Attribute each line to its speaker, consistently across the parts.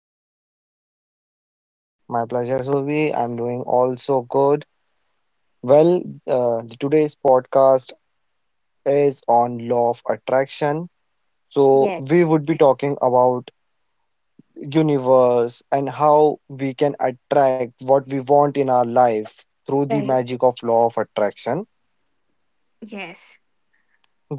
Speaker 1: are you doing?
Speaker 2: My pleasure, Surbhi. I'm doing also good. Well, today's podcast is on law of attraction. So, we
Speaker 1: Yes.
Speaker 2: would be talking about universe and how we can attract what we want in our life through the
Speaker 1: Right.
Speaker 2: magic of law of attraction.
Speaker 1: Yes.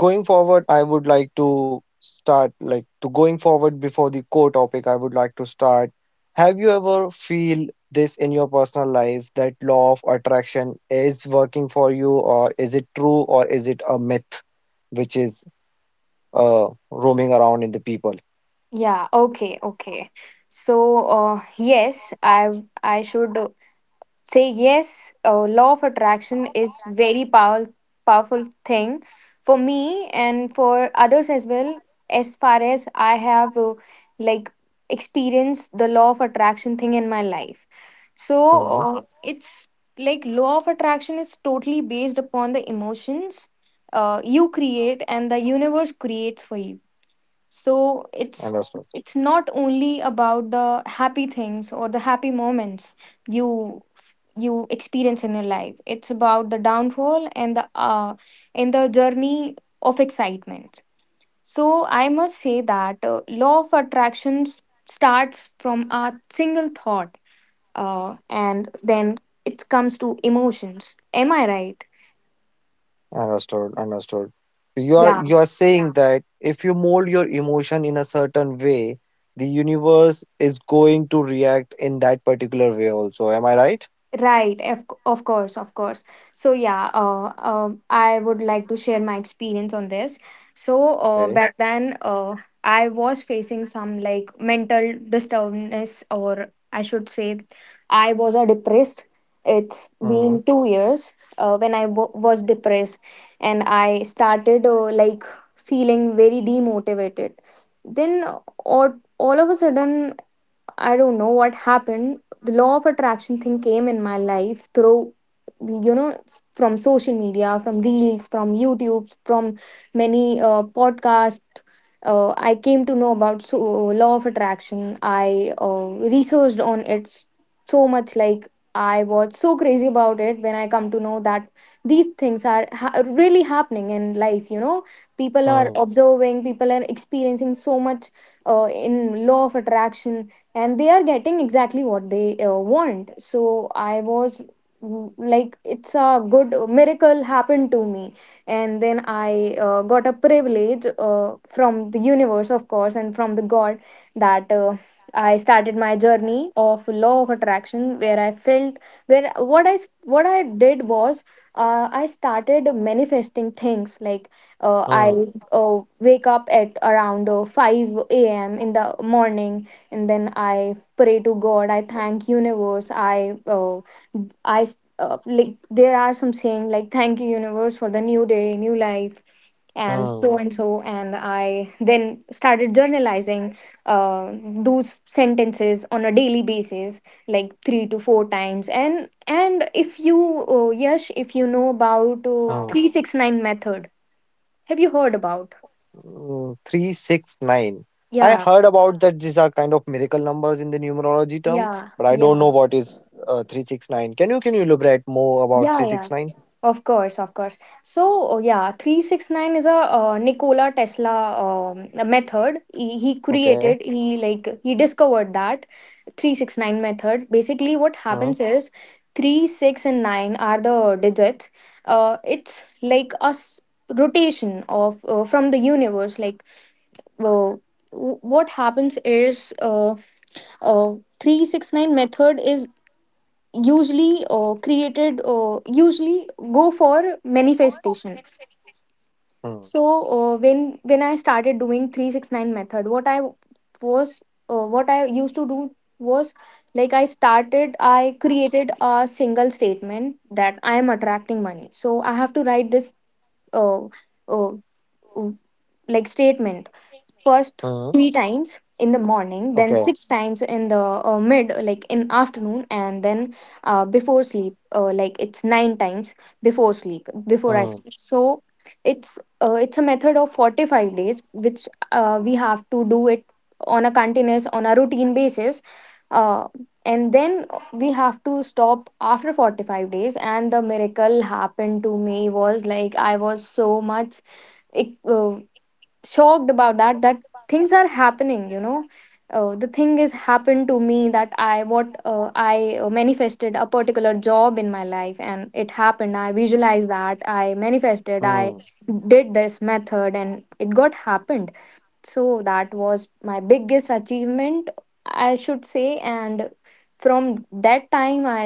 Speaker 2: Going forward, I would like to start like to going forward before the core topic, I would like to start. Have you ever feel this in your personal life that law of attraction is working for you, or is it true, or is it a myth which is roaming around in the people?
Speaker 1: Yeah. Okay. Okay. So, yes, I should. Say yes law of attraction is very powerful thing for me and for others as well, as far as I have like experienced the law of attraction thing in my life. So
Speaker 2: Hmm.
Speaker 1: it's like law of attraction is totally based upon the emotions you create, and the universe creates for you. So
Speaker 2: Understood.
Speaker 1: it's not only about the happy things or the happy moments you you experience in your life. It's about the downfall and the journey of excitement. So I must say that law of attraction s- starts from a single thought, and then it comes to emotions. Am I right?
Speaker 2: Understood. Understood. You are
Speaker 1: Yeah.
Speaker 2: you are saying that if you mold your emotion in a certain way, the universe is going to react in that particular way also. Am I right?
Speaker 1: Right, of course, of course. So yeah, I would like to share my experience on this. So uh,
Speaker 2: Okay.
Speaker 1: back then, uh, I was facing some like mental disturbance, or I should say, I was a depressed. It's
Speaker 2: Mm,
Speaker 1: been 2 years when I was depressed, and I started like feeling very demotivated. Then all of a sudden, I don't know what happened. The law of attraction thing came in my life through, you know, from social media, from reels, from YouTube, from many podcasts. I came to know about so, law of attraction. I researched on it so much. Like, I was so crazy about it when I come to know that these things are ha- really happening in life. You know, people
Speaker 2: mm,
Speaker 1: are observing, people are experiencing so much in law of attraction, and they are getting exactly what they want. So I was, mm, like, it's a good miracle happened to me. And then I got a privilege from the universe, of course, and from the god that I started my journey of law of attraction where I felt where what I s- what I did was, I started manifesting things. Like, I
Speaker 2: mm,
Speaker 1: uh, wake up at around 5 a.m in the morning, and then I pray to god, I thank universe, I like, there are some saying like, thank you universe for the new day, new life, and so
Speaker 2: mm,
Speaker 1: and so. And I then started journalizing uh, those sentences on a daily basis, like 3 to 4 times. And if you yes, if you know about
Speaker 2: mm.
Speaker 1: 369 method. Have you heard about?
Speaker 2: Mm, three, six, nine. I
Speaker 1: yeah
Speaker 2: heard about that these are kind of miracle numbers in the numerology term,
Speaker 1: yeah
Speaker 2: but I don't
Speaker 1: yeah
Speaker 2: know what is three, six, nine. Can you elaborate more about
Speaker 1: yeah
Speaker 2: three,
Speaker 1: yeah
Speaker 2: six, nine?
Speaker 1: Of course, of course. So, yeah, 369 is a Nikola Tesla method. He
Speaker 2: Okay.
Speaker 1: created, he discovered that 369 method. Basically, what
Speaker 2: Mm,
Speaker 1: happens is, 3, 6, and 9 are the digits. It's like a s- rotation of from the universe. Like, uh, what happens is uh, 369 method is usually created usually go for manifestation.
Speaker 2: mm,
Speaker 1: So when I started doing 369 method, was what I used to do was, like, I created a single statement that I am attracting money. So I have to write this uh, uh, uh, like statement first
Speaker 2: mm.
Speaker 1: 3 times in the morning, then
Speaker 2: Okay.
Speaker 1: 6 times in the mid like in afternoon, and then before sleep, like, it's 9 times before sleep, before I
Speaker 2: Mm,
Speaker 1: sleep so it's a method of 45 days, which we have to do it on a continuous, on a routine basis, uh, and then we have to stop after 45 days. And the miracle happened to me was, like, I was so much ec- uh, shocked about that, that things are happening, you know. Uh, the thing is happened to me that I manifested a particular job in my life, and it happened. I visualized that, I manifested, I
Speaker 2: mm.
Speaker 1: did this method, and it got happened. So that was my biggest achievement, I should say. And from that time, I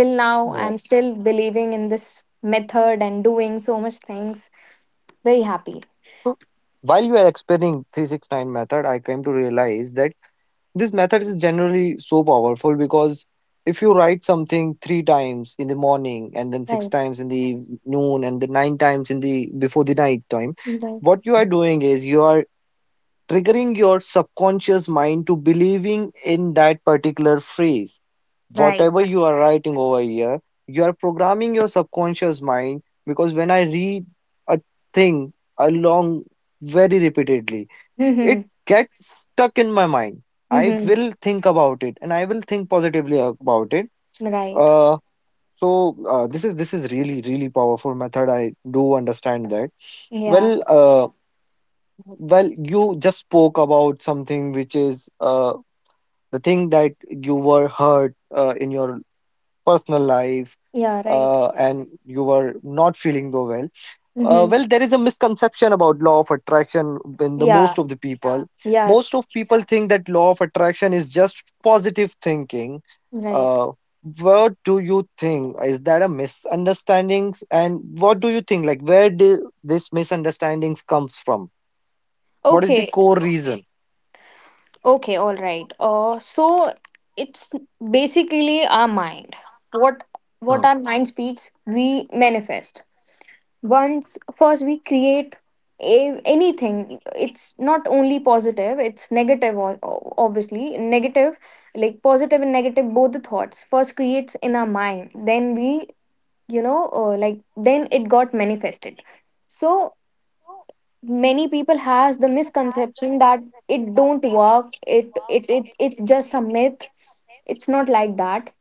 Speaker 1: till now,
Speaker 2: Yeah.
Speaker 1: I'm still believing in this method and doing so much things. Very happy.
Speaker 2: While you are explaining 369 method, I came to realize that this method is generally so powerful because if you write something three times in the morning and then six
Speaker 1: Right,
Speaker 2: times in the noon and then nine times in the before the night time,
Speaker 1: right.
Speaker 2: what you are doing is you are triggering your subconscious mind to believing in that particular phrase.
Speaker 1: Right.
Speaker 2: Whatever you are writing over here, you are programming your subconscious mind, because when I read a thing along very repeatedly, it
Speaker 1: Mhm.
Speaker 2: gets stuck in my mind. I
Speaker 1: Mhm.
Speaker 2: will think about it and I will think positively about it.
Speaker 1: Right.
Speaker 2: Uh, so this is really really powerful method. I do understand that.
Speaker 1: Yeah.
Speaker 2: Well, well, you just spoke about something which is the thing that you were hurt in your personal life,
Speaker 1: Yeah. Right.
Speaker 2: and you were not feeling though well.
Speaker 1: Mhm.
Speaker 2: Well, there is a misconception about law of attraction in the
Speaker 1: Yeah.
Speaker 2: most of the, yeah, people.
Speaker 1: Yeah.
Speaker 2: Most of people think that law of attraction is just positive thinking.
Speaker 1: Right.
Speaker 2: Uh, what do you think? Is that a misunderstandings? And what do you think? Like, where do this misunderstandings comes from? What is the
Speaker 1: Okay.
Speaker 2: core, okay, reason?
Speaker 1: Okay. All right. So it's basically our mind. What
Speaker 2: Hmm.
Speaker 1: What our mind speaks, we manifest. Once first we create anything. It's not only positive. It's negative. Obviously, negative, like positive and negative, both the thoughts first creates in our mind. Then we, you know, like then it got manifested. So many people has the misconception that it don't work, it just a myth. It's not like that.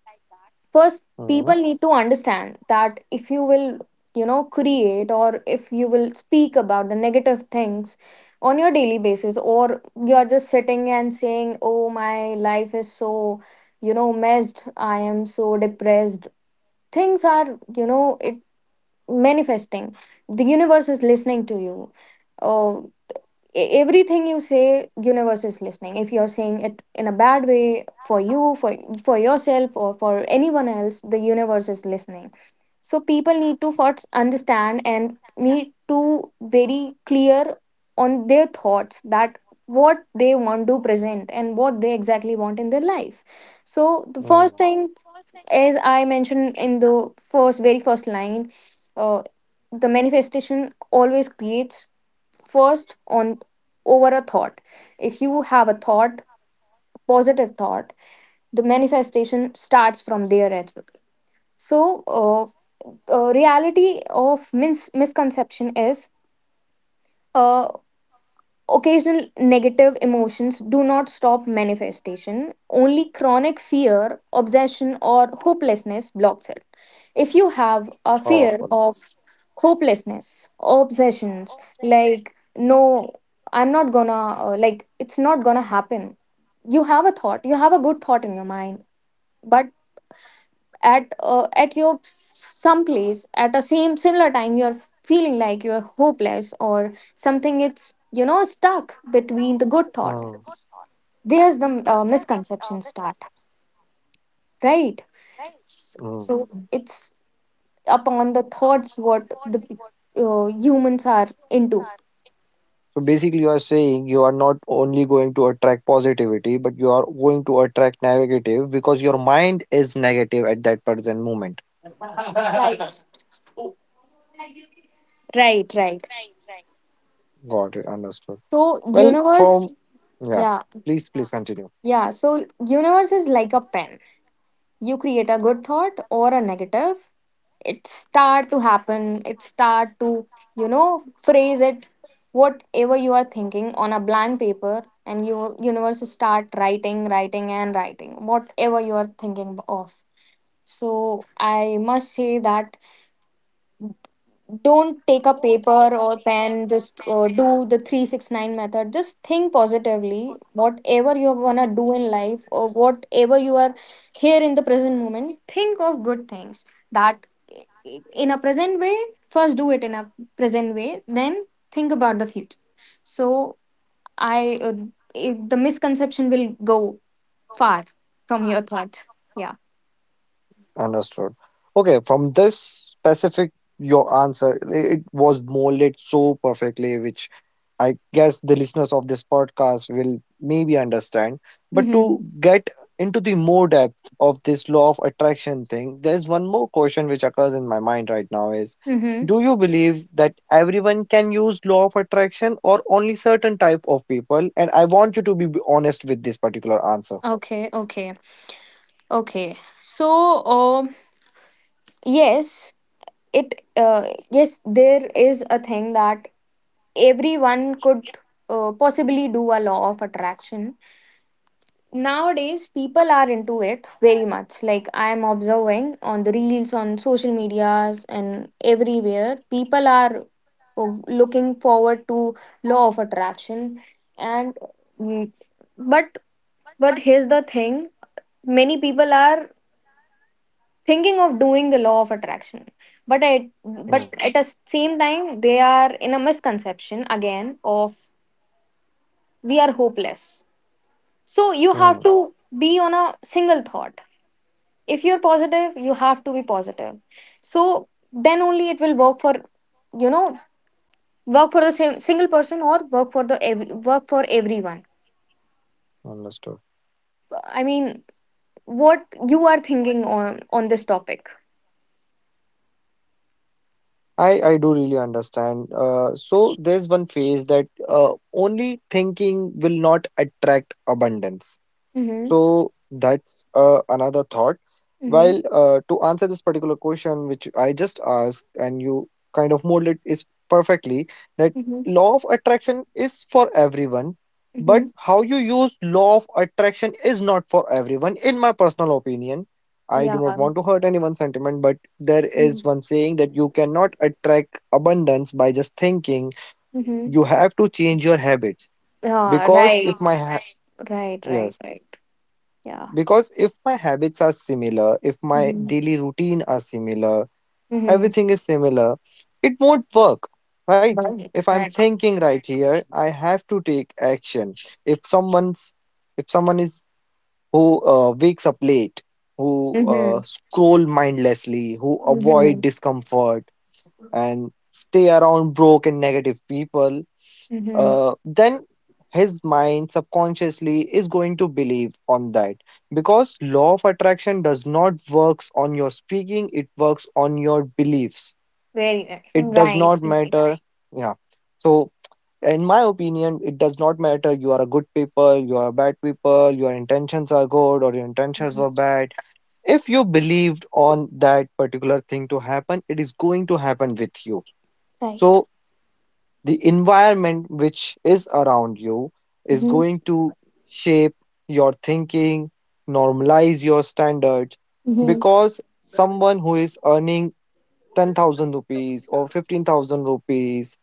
Speaker 1: First
Speaker 2: Hmm.
Speaker 1: people need to understand that, if you will, you know, create, or if you will speak about the negative things on your daily basis, or you are just sitting and saying, oh, my life is so, you know, messed, I am so depressed, things are, you know, it manifesting, the universe is listening to you. Oh, everything you say, universe is listening. If you're saying it in a bad way for you, for yourself or for anyone else, the universe is listening. So people need to first understand and need to very clear on their thoughts that what they want to present, and what they exactly want in their life. So the
Speaker 2: Hmm.
Speaker 1: first
Speaker 2: So
Speaker 1: thing, as I mentioned in the first, very first line, uh, the manifestation always creates first on, over a thought. If you have a thought, positive thought, the manifestation starts from there as well. So, reality of misconception is. uh, Occasional negative emotions do not stop manifestation. Only chronic fear, obsession, or hopelessness blocks it. If you have a fear
Speaker 2: powerful.
Speaker 1: of hopelessness, obsessions, like, no, I'm not gonna, like, it's not gonna happen. You have a thought, you have a good thought in your mind, but at your some place, at a same similar time, you're feeling like you're hopeless or something. It's, you know, stuck between the good thought.
Speaker 2: Hmm.
Speaker 1: There's the misconception start, right?
Speaker 2: Hmm.
Speaker 1: So, mhm, it's upon the thoughts what the humans are into.
Speaker 2: So basically, you are saying you are not only going to attract positivity, but you are going to attract negative because your mind is negative at that present moment.
Speaker 1: Right, right.
Speaker 2: Got it, understood.
Speaker 1: So
Speaker 2: Well,
Speaker 1: universe,
Speaker 2: from, yeah,
Speaker 1: yeah,
Speaker 2: please, please continue.
Speaker 1: yeah. So universe is like a pen. You create a good thought or a negative, it start to happen, it start to, you know, phrase it, whatever you are thinking on a blank paper. And your universe start writing, writing, and writing, whatever you are thinking of. So I must say that, don't take a paper or pen. Just do the 369 method. Just think positively whatever you're gonna do in life, or whatever you are here in the present moment. Think of good things. That, in a present way, first do it in a present way, then think about the future. So i uh, the misconception will go far from your thoughts. Yeah.
Speaker 2: Understood. Okay, from this specific your answer, it was molded so perfectly, which I guess the listeners of this podcast will maybe understand. But
Speaker 1: Mm-hmm.
Speaker 2: to get into the more depth of this law of attraction thing, there's one more question which occurs in my mind right now is,
Speaker 1: Mm-hmm.
Speaker 2: do you believe that everyone can use law of attraction or only certain type of people? And I want you to be honest with this particular answer.
Speaker 1: Okay, okay. Okay, so, um. Yes, it yes, there is a thing that everyone could possibly do a law of attraction. Nowadays people are into it very much. Like, I am observing on the reels, on social medias, and everywhere people are looking forward to law of attraction. And, mm, but but here's the thing, many people are thinking of doing the law of attraction, but at,
Speaker 2: Hmm.
Speaker 1: but at the same time, they are in a misconception again of, we are hopeless. So you have
Speaker 2: Hmm.
Speaker 1: to be on a single thought. If you're positive, you have to be positive. So then only it will work for, you know, work for the same single person, or work for everyone.
Speaker 2: Understood.
Speaker 1: I mean, what you are thinking on this topic?
Speaker 2: I do really understand. So there's one phase that only thinking will not attract abundance.
Speaker 1: Mm-hmm.
Speaker 2: So that's another thought.
Speaker 1: Mm-hmm.
Speaker 2: While to answer this particular question, which I just asked, and you kind of mold it is perfectly that
Speaker 1: Mm-hmm.
Speaker 2: law of attraction is for everyone, but
Speaker 1: Mm-hmm.
Speaker 2: how you use law of attraction is not for everyone, in my personal opinion. I do
Speaker 1: Yeah.
Speaker 2: not want to hurt anyone's sentiment, but there is one saying that you cannot attract abundance by just thinking.
Speaker 1: Mm-hmm.
Speaker 2: You have to change your habits,
Speaker 1: Yeah,
Speaker 2: because if
Speaker 1: right.
Speaker 2: my ha-
Speaker 1: Right, right,
Speaker 2: yes,
Speaker 1: right. Yeah.
Speaker 2: because if my habits are similar, if my
Speaker 1: Mm-hmm.
Speaker 2: daily routine are similar,
Speaker 1: Mm-hmm.
Speaker 2: everything is similar, it won't work, right?
Speaker 1: Right,
Speaker 2: If I'm
Speaker 1: right.
Speaker 2: thinking right here, I have to take action. If someone's, if someone is who wakes up late, who
Speaker 1: Mm-hmm.
Speaker 2: scroll mindlessly, who avoid
Speaker 1: Mm-hmm.
Speaker 2: discomfort and stay around broke and negative people,
Speaker 1: Mm-hmm.
Speaker 2: then his mind subconsciously is going to believe on that, because law of attraction does not works on your speaking. It works on your beliefs.
Speaker 1: Very
Speaker 2: It does not
Speaker 1: nice. Right,
Speaker 2: matter.
Speaker 1: nice.
Speaker 2: Yeah. So in my opinion, it does not matter, you are a good people, you are a bad people, your intentions are good or your intentions were bad. If you believed on that particular thing to happen, it is going to happen with you.
Speaker 1: Right.
Speaker 2: So the environment which is around you is
Speaker 1: Mm-hmm.
Speaker 2: going to shape your thinking, normalize your standards.
Speaker 1: Mm-hmm.
Speaker 2: Because someone who is earning 10,000 rupees or 15,000 rupees,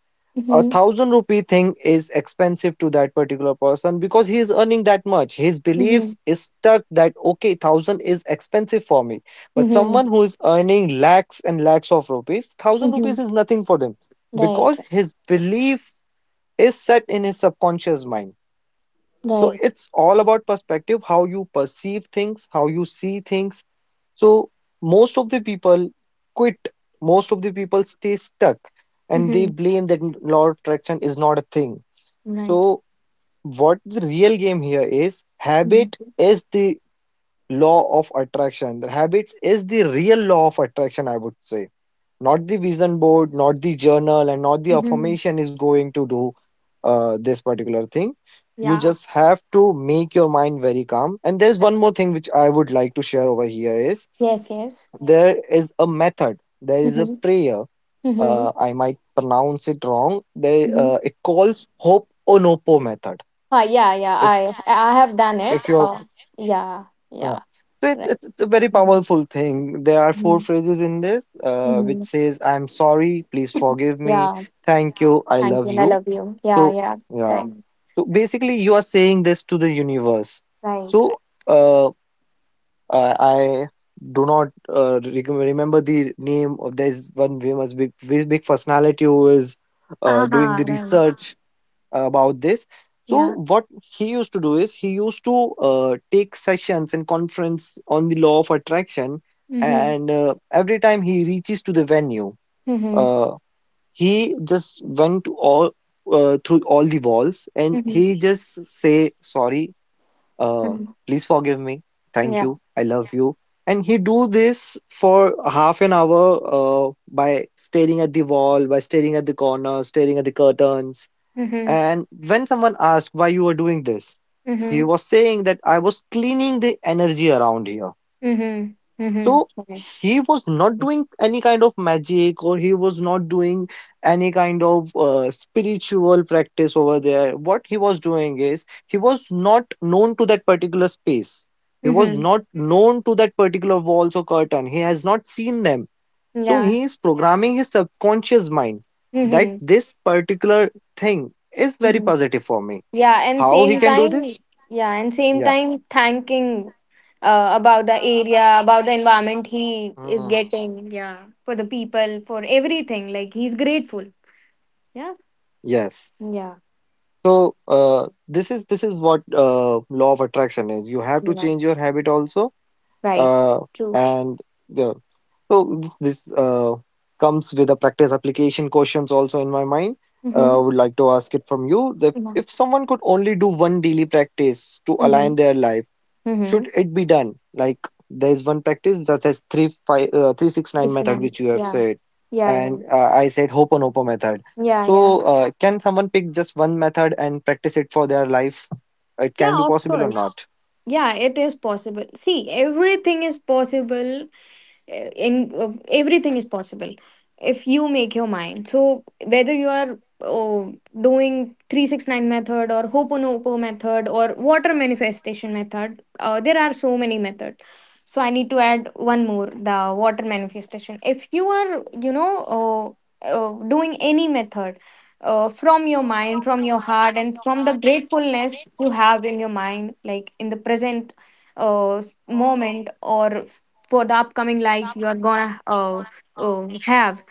Speaker 2: a
Speaker 1: Mm-hmm.
Speaker 2: thousand rupee thing is expensive to that particular person because he is earning that much. His
Speaker 1: Mm-hmm.
Speaker 2: beliefs is stuck that, okay, thousand is expensive for me. But
Speaker 1: Mm-hmm.
Speaker 2: someone who is earning lakhs and lakhs of rupees, thousand rupees
Speaker 1: Mm-hmm.
Speaker 2: is nothing for them
Speaker 1: Right,
Speaker 2: because his belief is set in his subconscious mind. So
Speaker 1: right.
Speaker 2: it's all about perspective, how you perceive things, how you see things. So most of the people quit, most of the people stay stuck, and they
Speaker 1: Mm-hmm.
Speaker 2: blame that law of attraction is not a thing.
Speaker 1: Right.
Speaker 2: So, what the real game here is, habit
Speaker 1: Mm-hmm.
Speaker 2: is the law of attraction. The habits is the real law of attraction, I would say. Not the vision board, not the journal, and not the
Speaker 1: Mm-hmm.
Speaker 2: affirmation is going to do this particular thing. You
Speaker 1: Yeah.
Speaker 2: just have to make your mind very calm. And there's one
Speaker 1: Yeah.
Speaker 2: more thing which I would like to share over here is,
Speaker 1: Yes, yes.
Speaker 2: there is a method, there is a
Speaker 1: Mm-hmm.
Speaker 2: prayer.
Speaker 1: Mm-hmm.
Speaker 2: I might pronounce it wrong. They
Speaker 1: Mm-hmm.
Speaker 2: It calls Hope Onopo method.
Speaker 1: Yeah, yeah.
Speaker 2: It,
Speaker 1: I
Speaker 2: yeah, yeah,
Speaker 1: I have done
Speaker 2: I
Speaker 1: it.
Speaker 2: if you're,
Speaker 1: Yeah,
Speaker 2: yeah.
Speaker 1: yeah.
Speaker 2: So it's,
Speaker 1: Right.
Speaker 2: it's it's a very
Speaker 1: Mm-hmm.
Speaker 2: powerful thing. There are four
Speaker 1: Mm-hmm.
Speaker 2: phrases in this, which
Speaker 1: Mm-hmm.
Speaker 2: says, "I'm sorry, please forgive me,
Speaker 1: Yeah.
Speaker 2: thank you, I
Speaker 1: Thank you.
Speaker 2: love
Speaker 1: And I
Speaker 2: you."
Speaker 1: love you. Yeah,
Speaker 2: So
Speaker 1: yeah.
Speaker 2: yeah.
Speaker 1: Right. Mm.
Speaker 2: So basically, you are saying this to the universe.
Speaker 1: Right. Right.
Speaker 2: So uh, I do not remember the name of, there's one famous big big big personality who is doing
Speaker 1: Aha,
Speaker 2: the
Speaker 1: right.
Speaker 2: research about this.
Speaker 1: Yeah.
Speaker 2: So what he used to do is, he used to take sessions and conference on the law of attraction,
Speaker 1: Mm-hmm.
Speaker 2: and every time he reaches to the venue,
Speaker 1: Mm-hmm.
Speaker 2: uh, he just went to all through all the walls and
Speaker 1: Mm-hmm.
Speaker 2: he just say sorry, uh,
Speaker 1: Mm-hmm.
Speaker 2: please forgive me, thank
Speaker 1: Yeah.
Speaker 2: you, I love you, and he do this for half an hour by staring at the wall, by staring at the corner, staring at the curtains.
Speaker 1: Mm-hmm.
Speaker 2: And when someone asked why you were doing this,
Speaker 1: Mm-hmm.
Speaker 2: he was saying that I was cleaning the energy around here.
Speaker 1: Mm-hmm. Mm-hmm.
Speaker 2: So
Speaker 1: Right.
Speaker 2: he was not doing any kind of magic or he was not doing any kind of spiritual practice over there. What he was doing is, he was not known to that particular space. He was
Speaker 1: Mm-hmm.
Speaker 2: not known to that particular walls or curtain. He has not seen them. So
Speaker 1: Yeah.
Speaker 2: he is, yeah, programming his subconscious mind that
Speaker 1: Mm-hmm.
Speaker 2: this particular thing is very
Speaker 1: Mm-hmm.
Speaker 2: positive for me.
Speaker 1: Yeah, and
Speaker 2: How he
Speaker 1: same
Speaker 2: can do
Speaker 1: time,
Speaker 2: this?
Speaker 1: yeah, and same
Speaker 2: Yeah.
Speaker 1: time thanking about the area, about the environment he is getting, yeah, for the people, for everything. Like, he's grateful. Yeah.
Speaker 2: Yes.
Speaker 1: Yeah.
Speaker 2: So this is what law of attraction is. You have to
Speaker 1: Yeah.
Speaker 2: change your habit also,
Speaker 1: Right.
Speaker 2: uh,
Speaker 1: True.
Speaker 2: and the this comes with a practice application questions also in my mind. I
Speaker 1: Mm-hmm.
Speaker 2: would like to ask it from you that
Speaker 1: Yeah.
Speaker 2: if someone could only do one daily practice to
Speaker 1: Mm-hmm.
Speaker 2: align their life, should
Speaker 1: Mhm.
Speaker 2: it be done? Like there is one practice such as 369 method which
Speaker 1: Discriminate.
Speaker 2: you have
Speaker 1: Yeah.
Speaker 2: said,
Speaker 1: Yeah, yeah.
Speaker 2: and I said Hoponopo method.
Speaker 1: Yeah, yeah.
Speaker 2: So can someone pick just one method and practice it for their life? It can be
Speaker 1: Yeah, of
Speaker 2: possible or
Speaker 1: course.
Speaker 2: not?
Speaker 1: Yeah, it is possible. See, everything is possible in everything is possible if you make your mind. So whether you are uh, doing 369 method or hoponopo method or water manifestation method, there are so many methods. So I need to add one more, the water manifestation. If you are doing any method from your mind, from your heart, and from the gratefulness you have in your mind, like in the present uh, moment or for the upcoming life you are gonna have.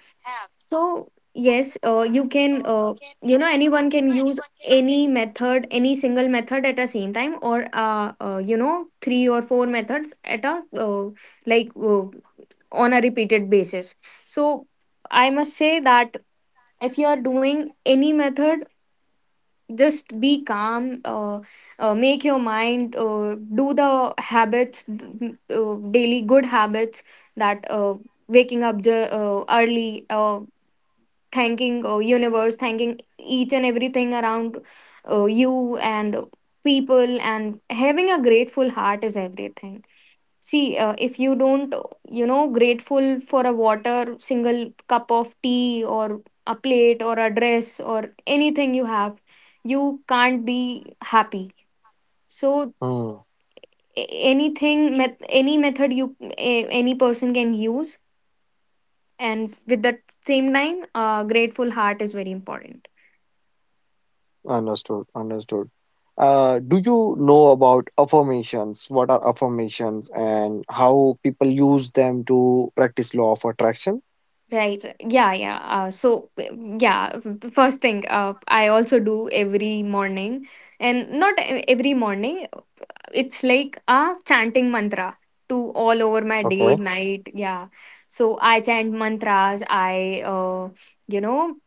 Speaker 1: So yes, you can, anyone can use any method, any single method at a same time, or three or four methods at a like uh, on a repeated basis. So I must say that if you are doing any method, just be calm. Make your mind, do the habits, daily good habits, that waking up early, thanking universe, thanking each and everything around you, and people, and having a grateful heart is everything. See, if you don't, you know, grateful for a water, single cup of tea, or a plate or a dress or anything you have, you can't be happy. So
Speaker 2: Hmm.
Speaker 1: anything, met, any method any person can use, and with that same time, grateful heart is very important.
Speaker 2: Understood. Understood. Do you know about affirmations? What are affirmations and how people use them to practice law of attraction?
Speaker 1: Right. Right. Yeah. Yeah. The first thing, I also do every morning, and not every morning. It's like a chanting mantra to all over my
Speaker 2: Okay.
Speaker 1: day, night. Yeah. So I chant mantras. You know,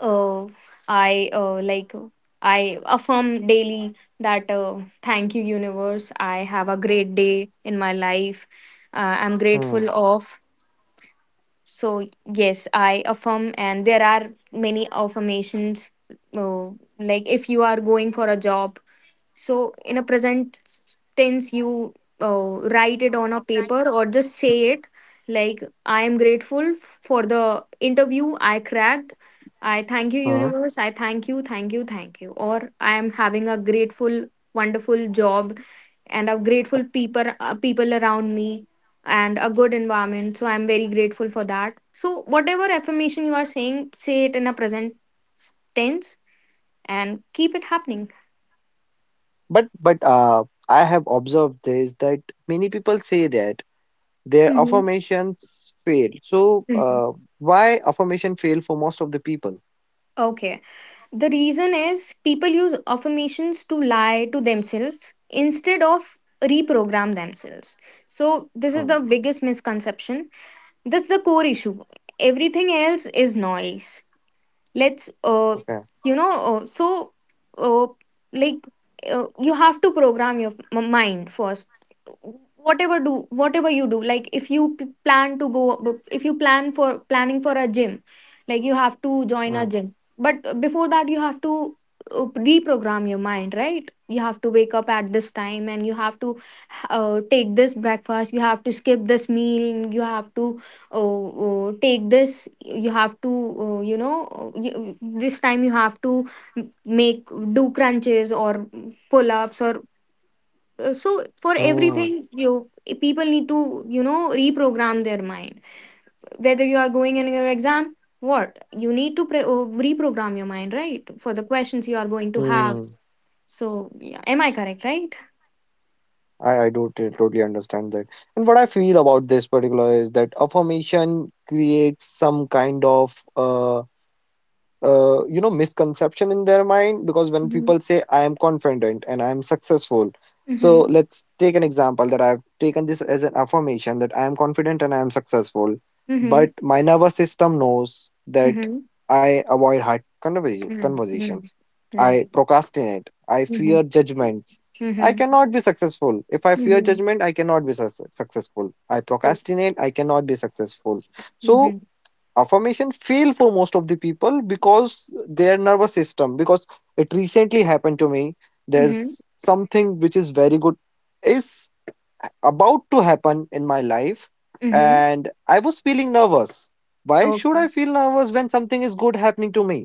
Speaker 1: uh, I, I affirm daily that, thank you universe, I have a great day in my life. I'm
Speaker 2: Hmm.
Speaker 1: grateful of. So yes, I affirm, and there are many affirmations. uh, like if you are going for a job, so in a present tense, you write it on a paper or just say it, like, I am grateful for the interview I cracked. I thank you,
Speaker 2: Hmm.
Speaker 1: universe. I thank you, thank you, thank you. Or I am having a grateful, wonderful job, and a grateful people, people around me, and a good environment. So I'm very grateful for that. So whatever affirmation you are saying, say it in a present tense and keep it happening.
Speaker 2: But I have observed this, that many people say that their
Speaker 1: Mhm.
Speaker 2: affirmations fail. So why affirmation fail for most of the people?
Speaker 1: Okay. The reason is people use affirmations to lie to themselves instead of reprogram themselves. So this is the
Speaker 2: Hmm,
Speaker 1: biggest misconception. That's the core issue. Everything else is noise. Let's
Speaker 2: okay.
Speaker 1: you know so uh, like You have to program your mind first, whatever do, whatever you do. Like if you plan to go, if you plan for, planning for a gym, like you have to join a
Speaker 2: Hmm,
Speaker 1: gym, but before that you have to reprogram your mind, right? You have to wake up at this time, and you have to take this breakfast, you have to skip this meal, you have to, oh, oh, take this, you have to, oh, you, this time you have to make, do crunches or pull-ups, or so for
Speaker 2: hmm,
Speaker 1: everything, you people need to, you know, reprogram their mind, whether you are going in your exam, what you need to reprogram your mind, right, for the questions you are going to
Speaker 2: hmm.
Speaker 1: have. So yeah, am I correct? Right.
Speaker 2: I do totally understand that. And what I feel about this particular is that affirmation creates some kind of misconception in their mind, because when
Speaker 1: Mm-hmm.
Speaker 2: people say I am confident and I am successful. So
Speaker 1: Mm-hmm.
Speaker 2: let's take an example, that I've taken this as an affirmation that I am confident and I am successful, but
Speaker 1: Mm-hmm.
Speaker 2: my nervous system knows that
Speaker 1: Mm-hmm.
Speaker 2: I avoid hard
Speaker 1: Mm-hmm.
Speaker 2: conversations, I
Speaker 1: Right.
Speaker 2: procrastinate, I
Speaker 1: Mm-hmm.
Speaker 2: fear judgments. I cannot be successful if I fear
Speaker 1: Mm-hmm.
Speaker 2: judgment. I cannot be successful, I
Speaker 1: True.
Speaker 2: procrastinate, I cannot be successful. So
Speaker 1: Mhm.
Speaker 2: affirmation fail for most of the people because their nervous system, because it recently happened to me.
Speaker 1: Mhm.
Speaker 2: There's something which is very good is about to happen in my life,
Speaker 1: Mhm.
Speaker 2: and I was feeling nervous. Why should I
Speaker 1: Okay.
Speaker 2: feel nervous when something is good happening to me?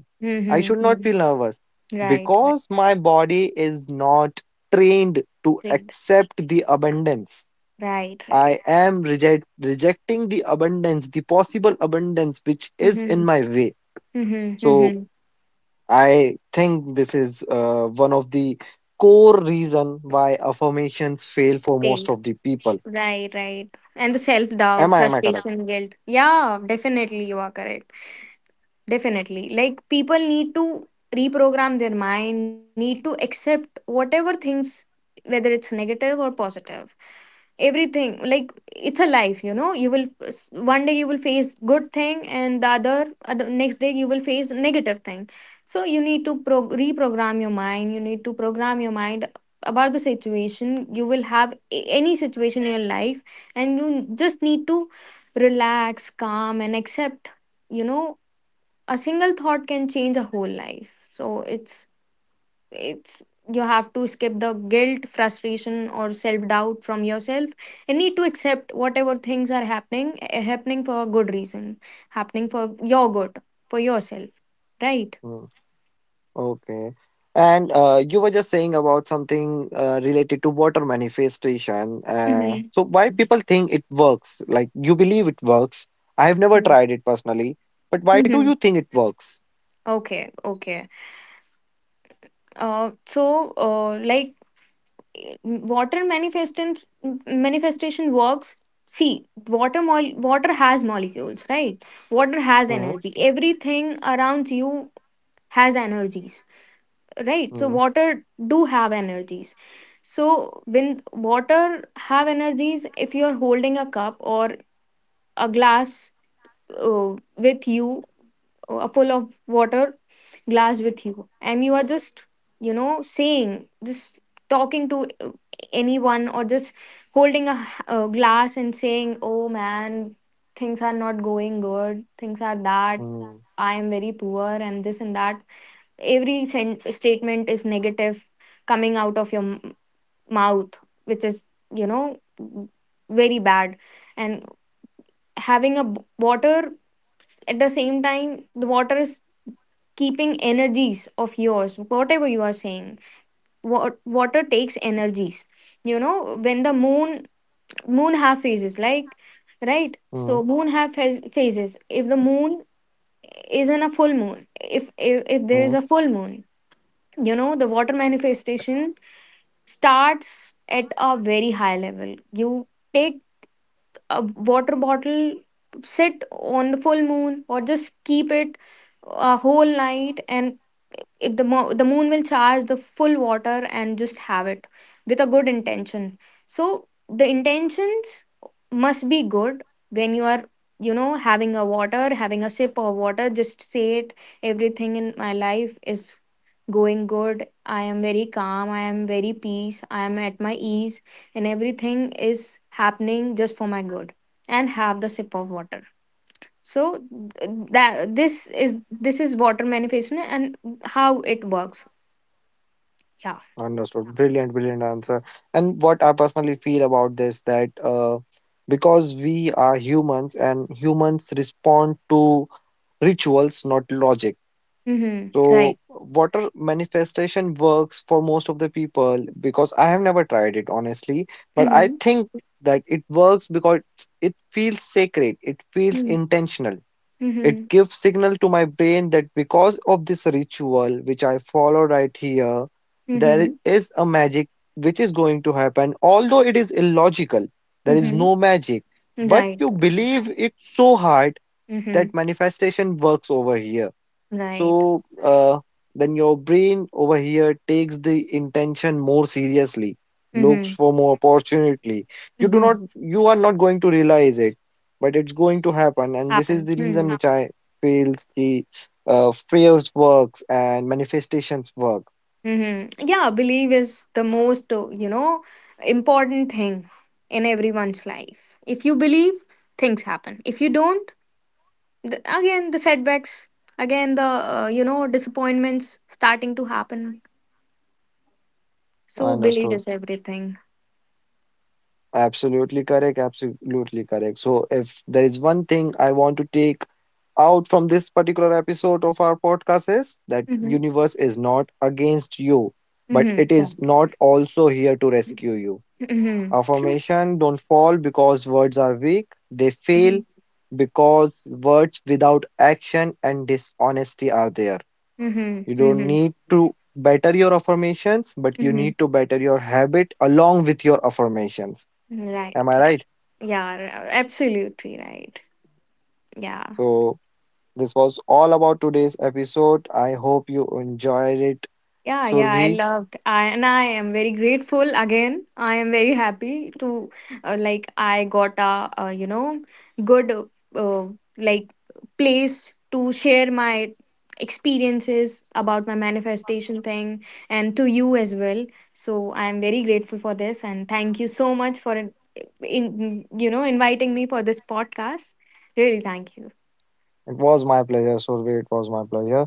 Speaker 2: I
Speaker 1: Mhm.
Speaker 2: should not
Speaker 1: Mhm.
Speaker 2: feel nervous
Speaker 1: Right. Right.
Speaker 2: because my body is not trained to
Speaker 1: Right.
Speaker 2: accept the abundance.
Speaker 1: Right. Right.
Speaker 2: I am rejecting the abundance, the possible abundance which is in
Speaker 1: Mhm.
Speaker 2: my way.
Speaker 1: Mhm.
Speaker 2: So
Speaker 1: Mhm.
Speaker 2: I think this is one of the core reason why affirmations fail for most
Speaker 1: Right.
Speaker 2: of the people.
Speaker 1: Right. Right. And the self doubt,
Speaker 2: Am I correct?
Speaker 1: frustration, guilt. Yeah, definitely, you are correct. Definitely. Like people need to reprogram their mind, need to accept whatever things, whether it's negative or positive. Everything, like, it's a life, you know. You will, one day you will face good thing, and the other, other next day you will face negative thing. So you need to reprogram your mind. You need to program your mind about the situation. You will have any situation in your life, and you just need to relax, calm, and accept. You know, a single thought can change a whole life, so it's, you have to skip the guilt, frustration, or self doubt from yourself. You need to accept whatever things are happening, happening for a good reason, happening for your good, for yourself, right?
Speaker 2: Hmm. Okay. And you were just saying about something related to water manifestation.
Speaker 1: Mm-hmm.
Speaker 2: So why people think it works? Like you believe it works. I have never tried it personally, but why do
Speaker 1: Mm-hmm.
Speaker 2: you think it works?
Speaker 1: Okay, okay. Like water manifestation, manifestation works. See, water has molecules, right? Water has
Speaker 2: Hmm,
Speaker 1: energy, everything around you has energies, right? So
Speaker 2: hmm,
Speaker 1: water do have energies. So when water have energies, if you are holding a cup or a glass, with you, full of water glass with you, and you are just, you know, saying, just talking to anyone, or just holding a, a glass and saying, oh man, things are not going good, things are that,
Speaker 2: hmm.
Speaker 1: I am very poor, and this and that, every statement is negative coming out of your mouth, which is, you know, very bad, and having a water at the same time, the water is keeping energies of yours, whatever you are saying. Water takes energies. You know, when the moon, moon have phases, like, right?
Speaker 2: Mm,
Speaker 1: So moon have phases. If the moon is in a full moon, if there is
Speaker 2: mm,
Speaker 1: a full moon, you know, the water manifestation starts at a very high level. You take a water bottle, sit on the full moon, or just keep it a whole night, and the moon will charge the full water, and just have it with a good intention. So the intentions must be good. When you are, you know, having a water, having a sip of water, just say it, everything in my life is going good, I am very calm, I am very peace, I am at my ease, and everything is happening just for my good, and have the sip of water. So th- that this is water manifestation and how it works. Yeah.
Speaker 2: understood. Brilliant, brilliant answer. And what I personally feel about this, that because we are humans and humans respond to rituals, not logic.
Speaker 1: Mm-hmm.
Speaker 2: So
Speaker 1: Right.
Speaker 2: water manifestation works for most of the people because I have never tried it honestly, but I
Speaker 1: Mm-hmm.
Speaker 2: think that it works because it feels sacred, it feels
Speaker 1: Mm-hmm.
Speaker 2: intentional. It
Speaker 1: Mm-hmm.
Speaker 2: gives signal to my brain that because of this ritual which I follow right here, there
Speaker 1: Mm-hmm.
Speaker 2: is a magic which is going to happen. Although it is illogical, there is
Speaker 1: Mm-hmm.
Speaker 2: no magic, but
Speaker 1: Right.
Speaker 2: you believe it so hard
Speaker 1: Mm-hmm.
Speaker 2: that manifestation works over here.
Speaker 1: Right.
Speaker 2: So then your brain over here takes the intention more seriously, looks
Speaker 1: Mm-hmm.
Speaker 2: for more opportunity. You do not,
Speaker 1: Mm-hmm.
Speaker 2: you are not going to realize it, but it's going to happen. And this is
Speaker 1: Happen.
Speaker 2: the reason
Speaker 1: Mm-hmm.
Speaker 2: which I feel the prayers works and manifestations work.
Speaker 1: Mm-hmm. Yeah, belief is the most, important thing in everyone's life. If you believe, things happen. If you don't, again the setbacks, again the you know, disappointments starting to happen. So belief
Speaker 2: Understood.
Speaker 1: is everything.
Speaker 2: Absolutely correct. Absolutely correct. So if there is one thing I want to take out from this particular episode of our podcast is that
Speaker 1: Mm-hmm.
Speaker 2: universe is not against you, but it
Speaker 1: Mm-hmm.
Speaker 2: is not also here to
Speaker 1: Right.
Speaker 2: rescue you.
Speaker 1: Mm-hmm. True.
Speaker 2: Affirmation don't fall because words are weak. They fail
Speaker 1: Mm-hmm.
Speaker 2: because words without action and dishonesty are there. You
Speaker 1: Mm-hmm.
Speaker 2: don't
Speaker 1: Mm-hmm.
Speaker 2: need to better your affirmations, but you
Speaker 1: Mm-hmm.
Speaker 2: need to better your habit along with your affirmations.
Speaker 1: Mm-hmm. Right.
Speaker 2: Am I
Speaker 1: Right.
Speaker 2: right?
Speaker 1: Yeah. Absolutely right. Yeah.
Speaker 2: So this was all about today's episode. I hope you enjoyed it.
Speaker 1: Yeah, yeah, I
Speaker 2: Surbhi,
Speaker 1: loved. I, and I am very grateful again. I am very happy to, like I got a, good uh, like place to share my experiences about my manifestation thing, and to you as well. So I am very grateful for this, and thank you so much for in you know inviting me for this podcast. Really thank you.
Speaker 2: it was my pleasure. Surbhi, it was my pleasure.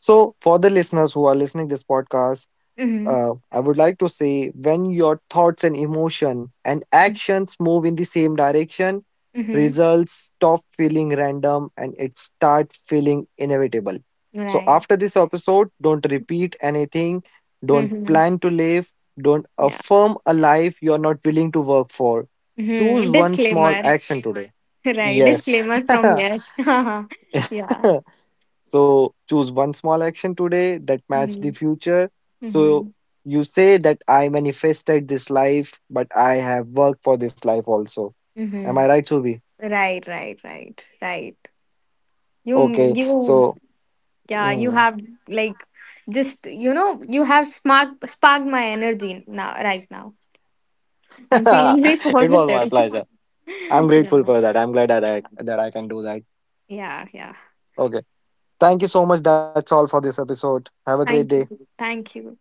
Speaker 2: So, for the listeners who are listening this podcast,
Speaker 1: Mhm.
Speaker 2: I would like to say, when your thoughts and emotion and actions move in the same direction,
Speaker 1: Mhm.
Speaker 2: results stop feeling random and it start feeling inevitable. So,
Speaker 1: Right.
Speaker 2: after this episode, don't repeat anything, don't
Speaker 1: Mhm.
Speaker 2: plan to live, don't
Speaker 1: Yeah.
Speaker 2: affirm a life you are not willing to work for. Choose
Speaker 1: Mm-hmm.
Speaker 2: one small
Speaker 1: Disclaimer.
Speaker 2: action today.
Speaker 1: Right.
Speaker 2: Yes.
Speaker 1: Disclaimer from Yash. Yeah.
Speaker 2: So choose one small action today that match the
Speaker 1: Mm-hmm.
Speaker 2: future. So
Speaker 1: Mm-hmm.
Speaker 2: you say that I manifested this life, but I have worked for this life also. Am
Speaker 1: Mm-hmm.
Speaker 2: I right, Subi?
Speaker 1: Right, right, right, right. You,
Speaker 2: Okay.
Speaker 1: you,
Speaker 2: So,
Speaker 1: yeah, you
Speaker 2: mm.
Speaker 1: have, like, just, you know, you have sparked, sparked my energy now, right now. I'm feeling very
Speaker 2: It was my
Speaker 1: positive.
Speaker 2: pleasure. I'm
Speaker 1: Yeah,
Speaker 2: grateful for that. I'm glad that
Speaker 1: yeah,
Speaker 2: I can do that.
Speaker 1: yeah, yeah.
Speaker 2: Okay. Thank you so much. That's all for this episode. Have a great
Speaker 1: Thank you.
Speaker 2: day.
Speaker 1: Thank you.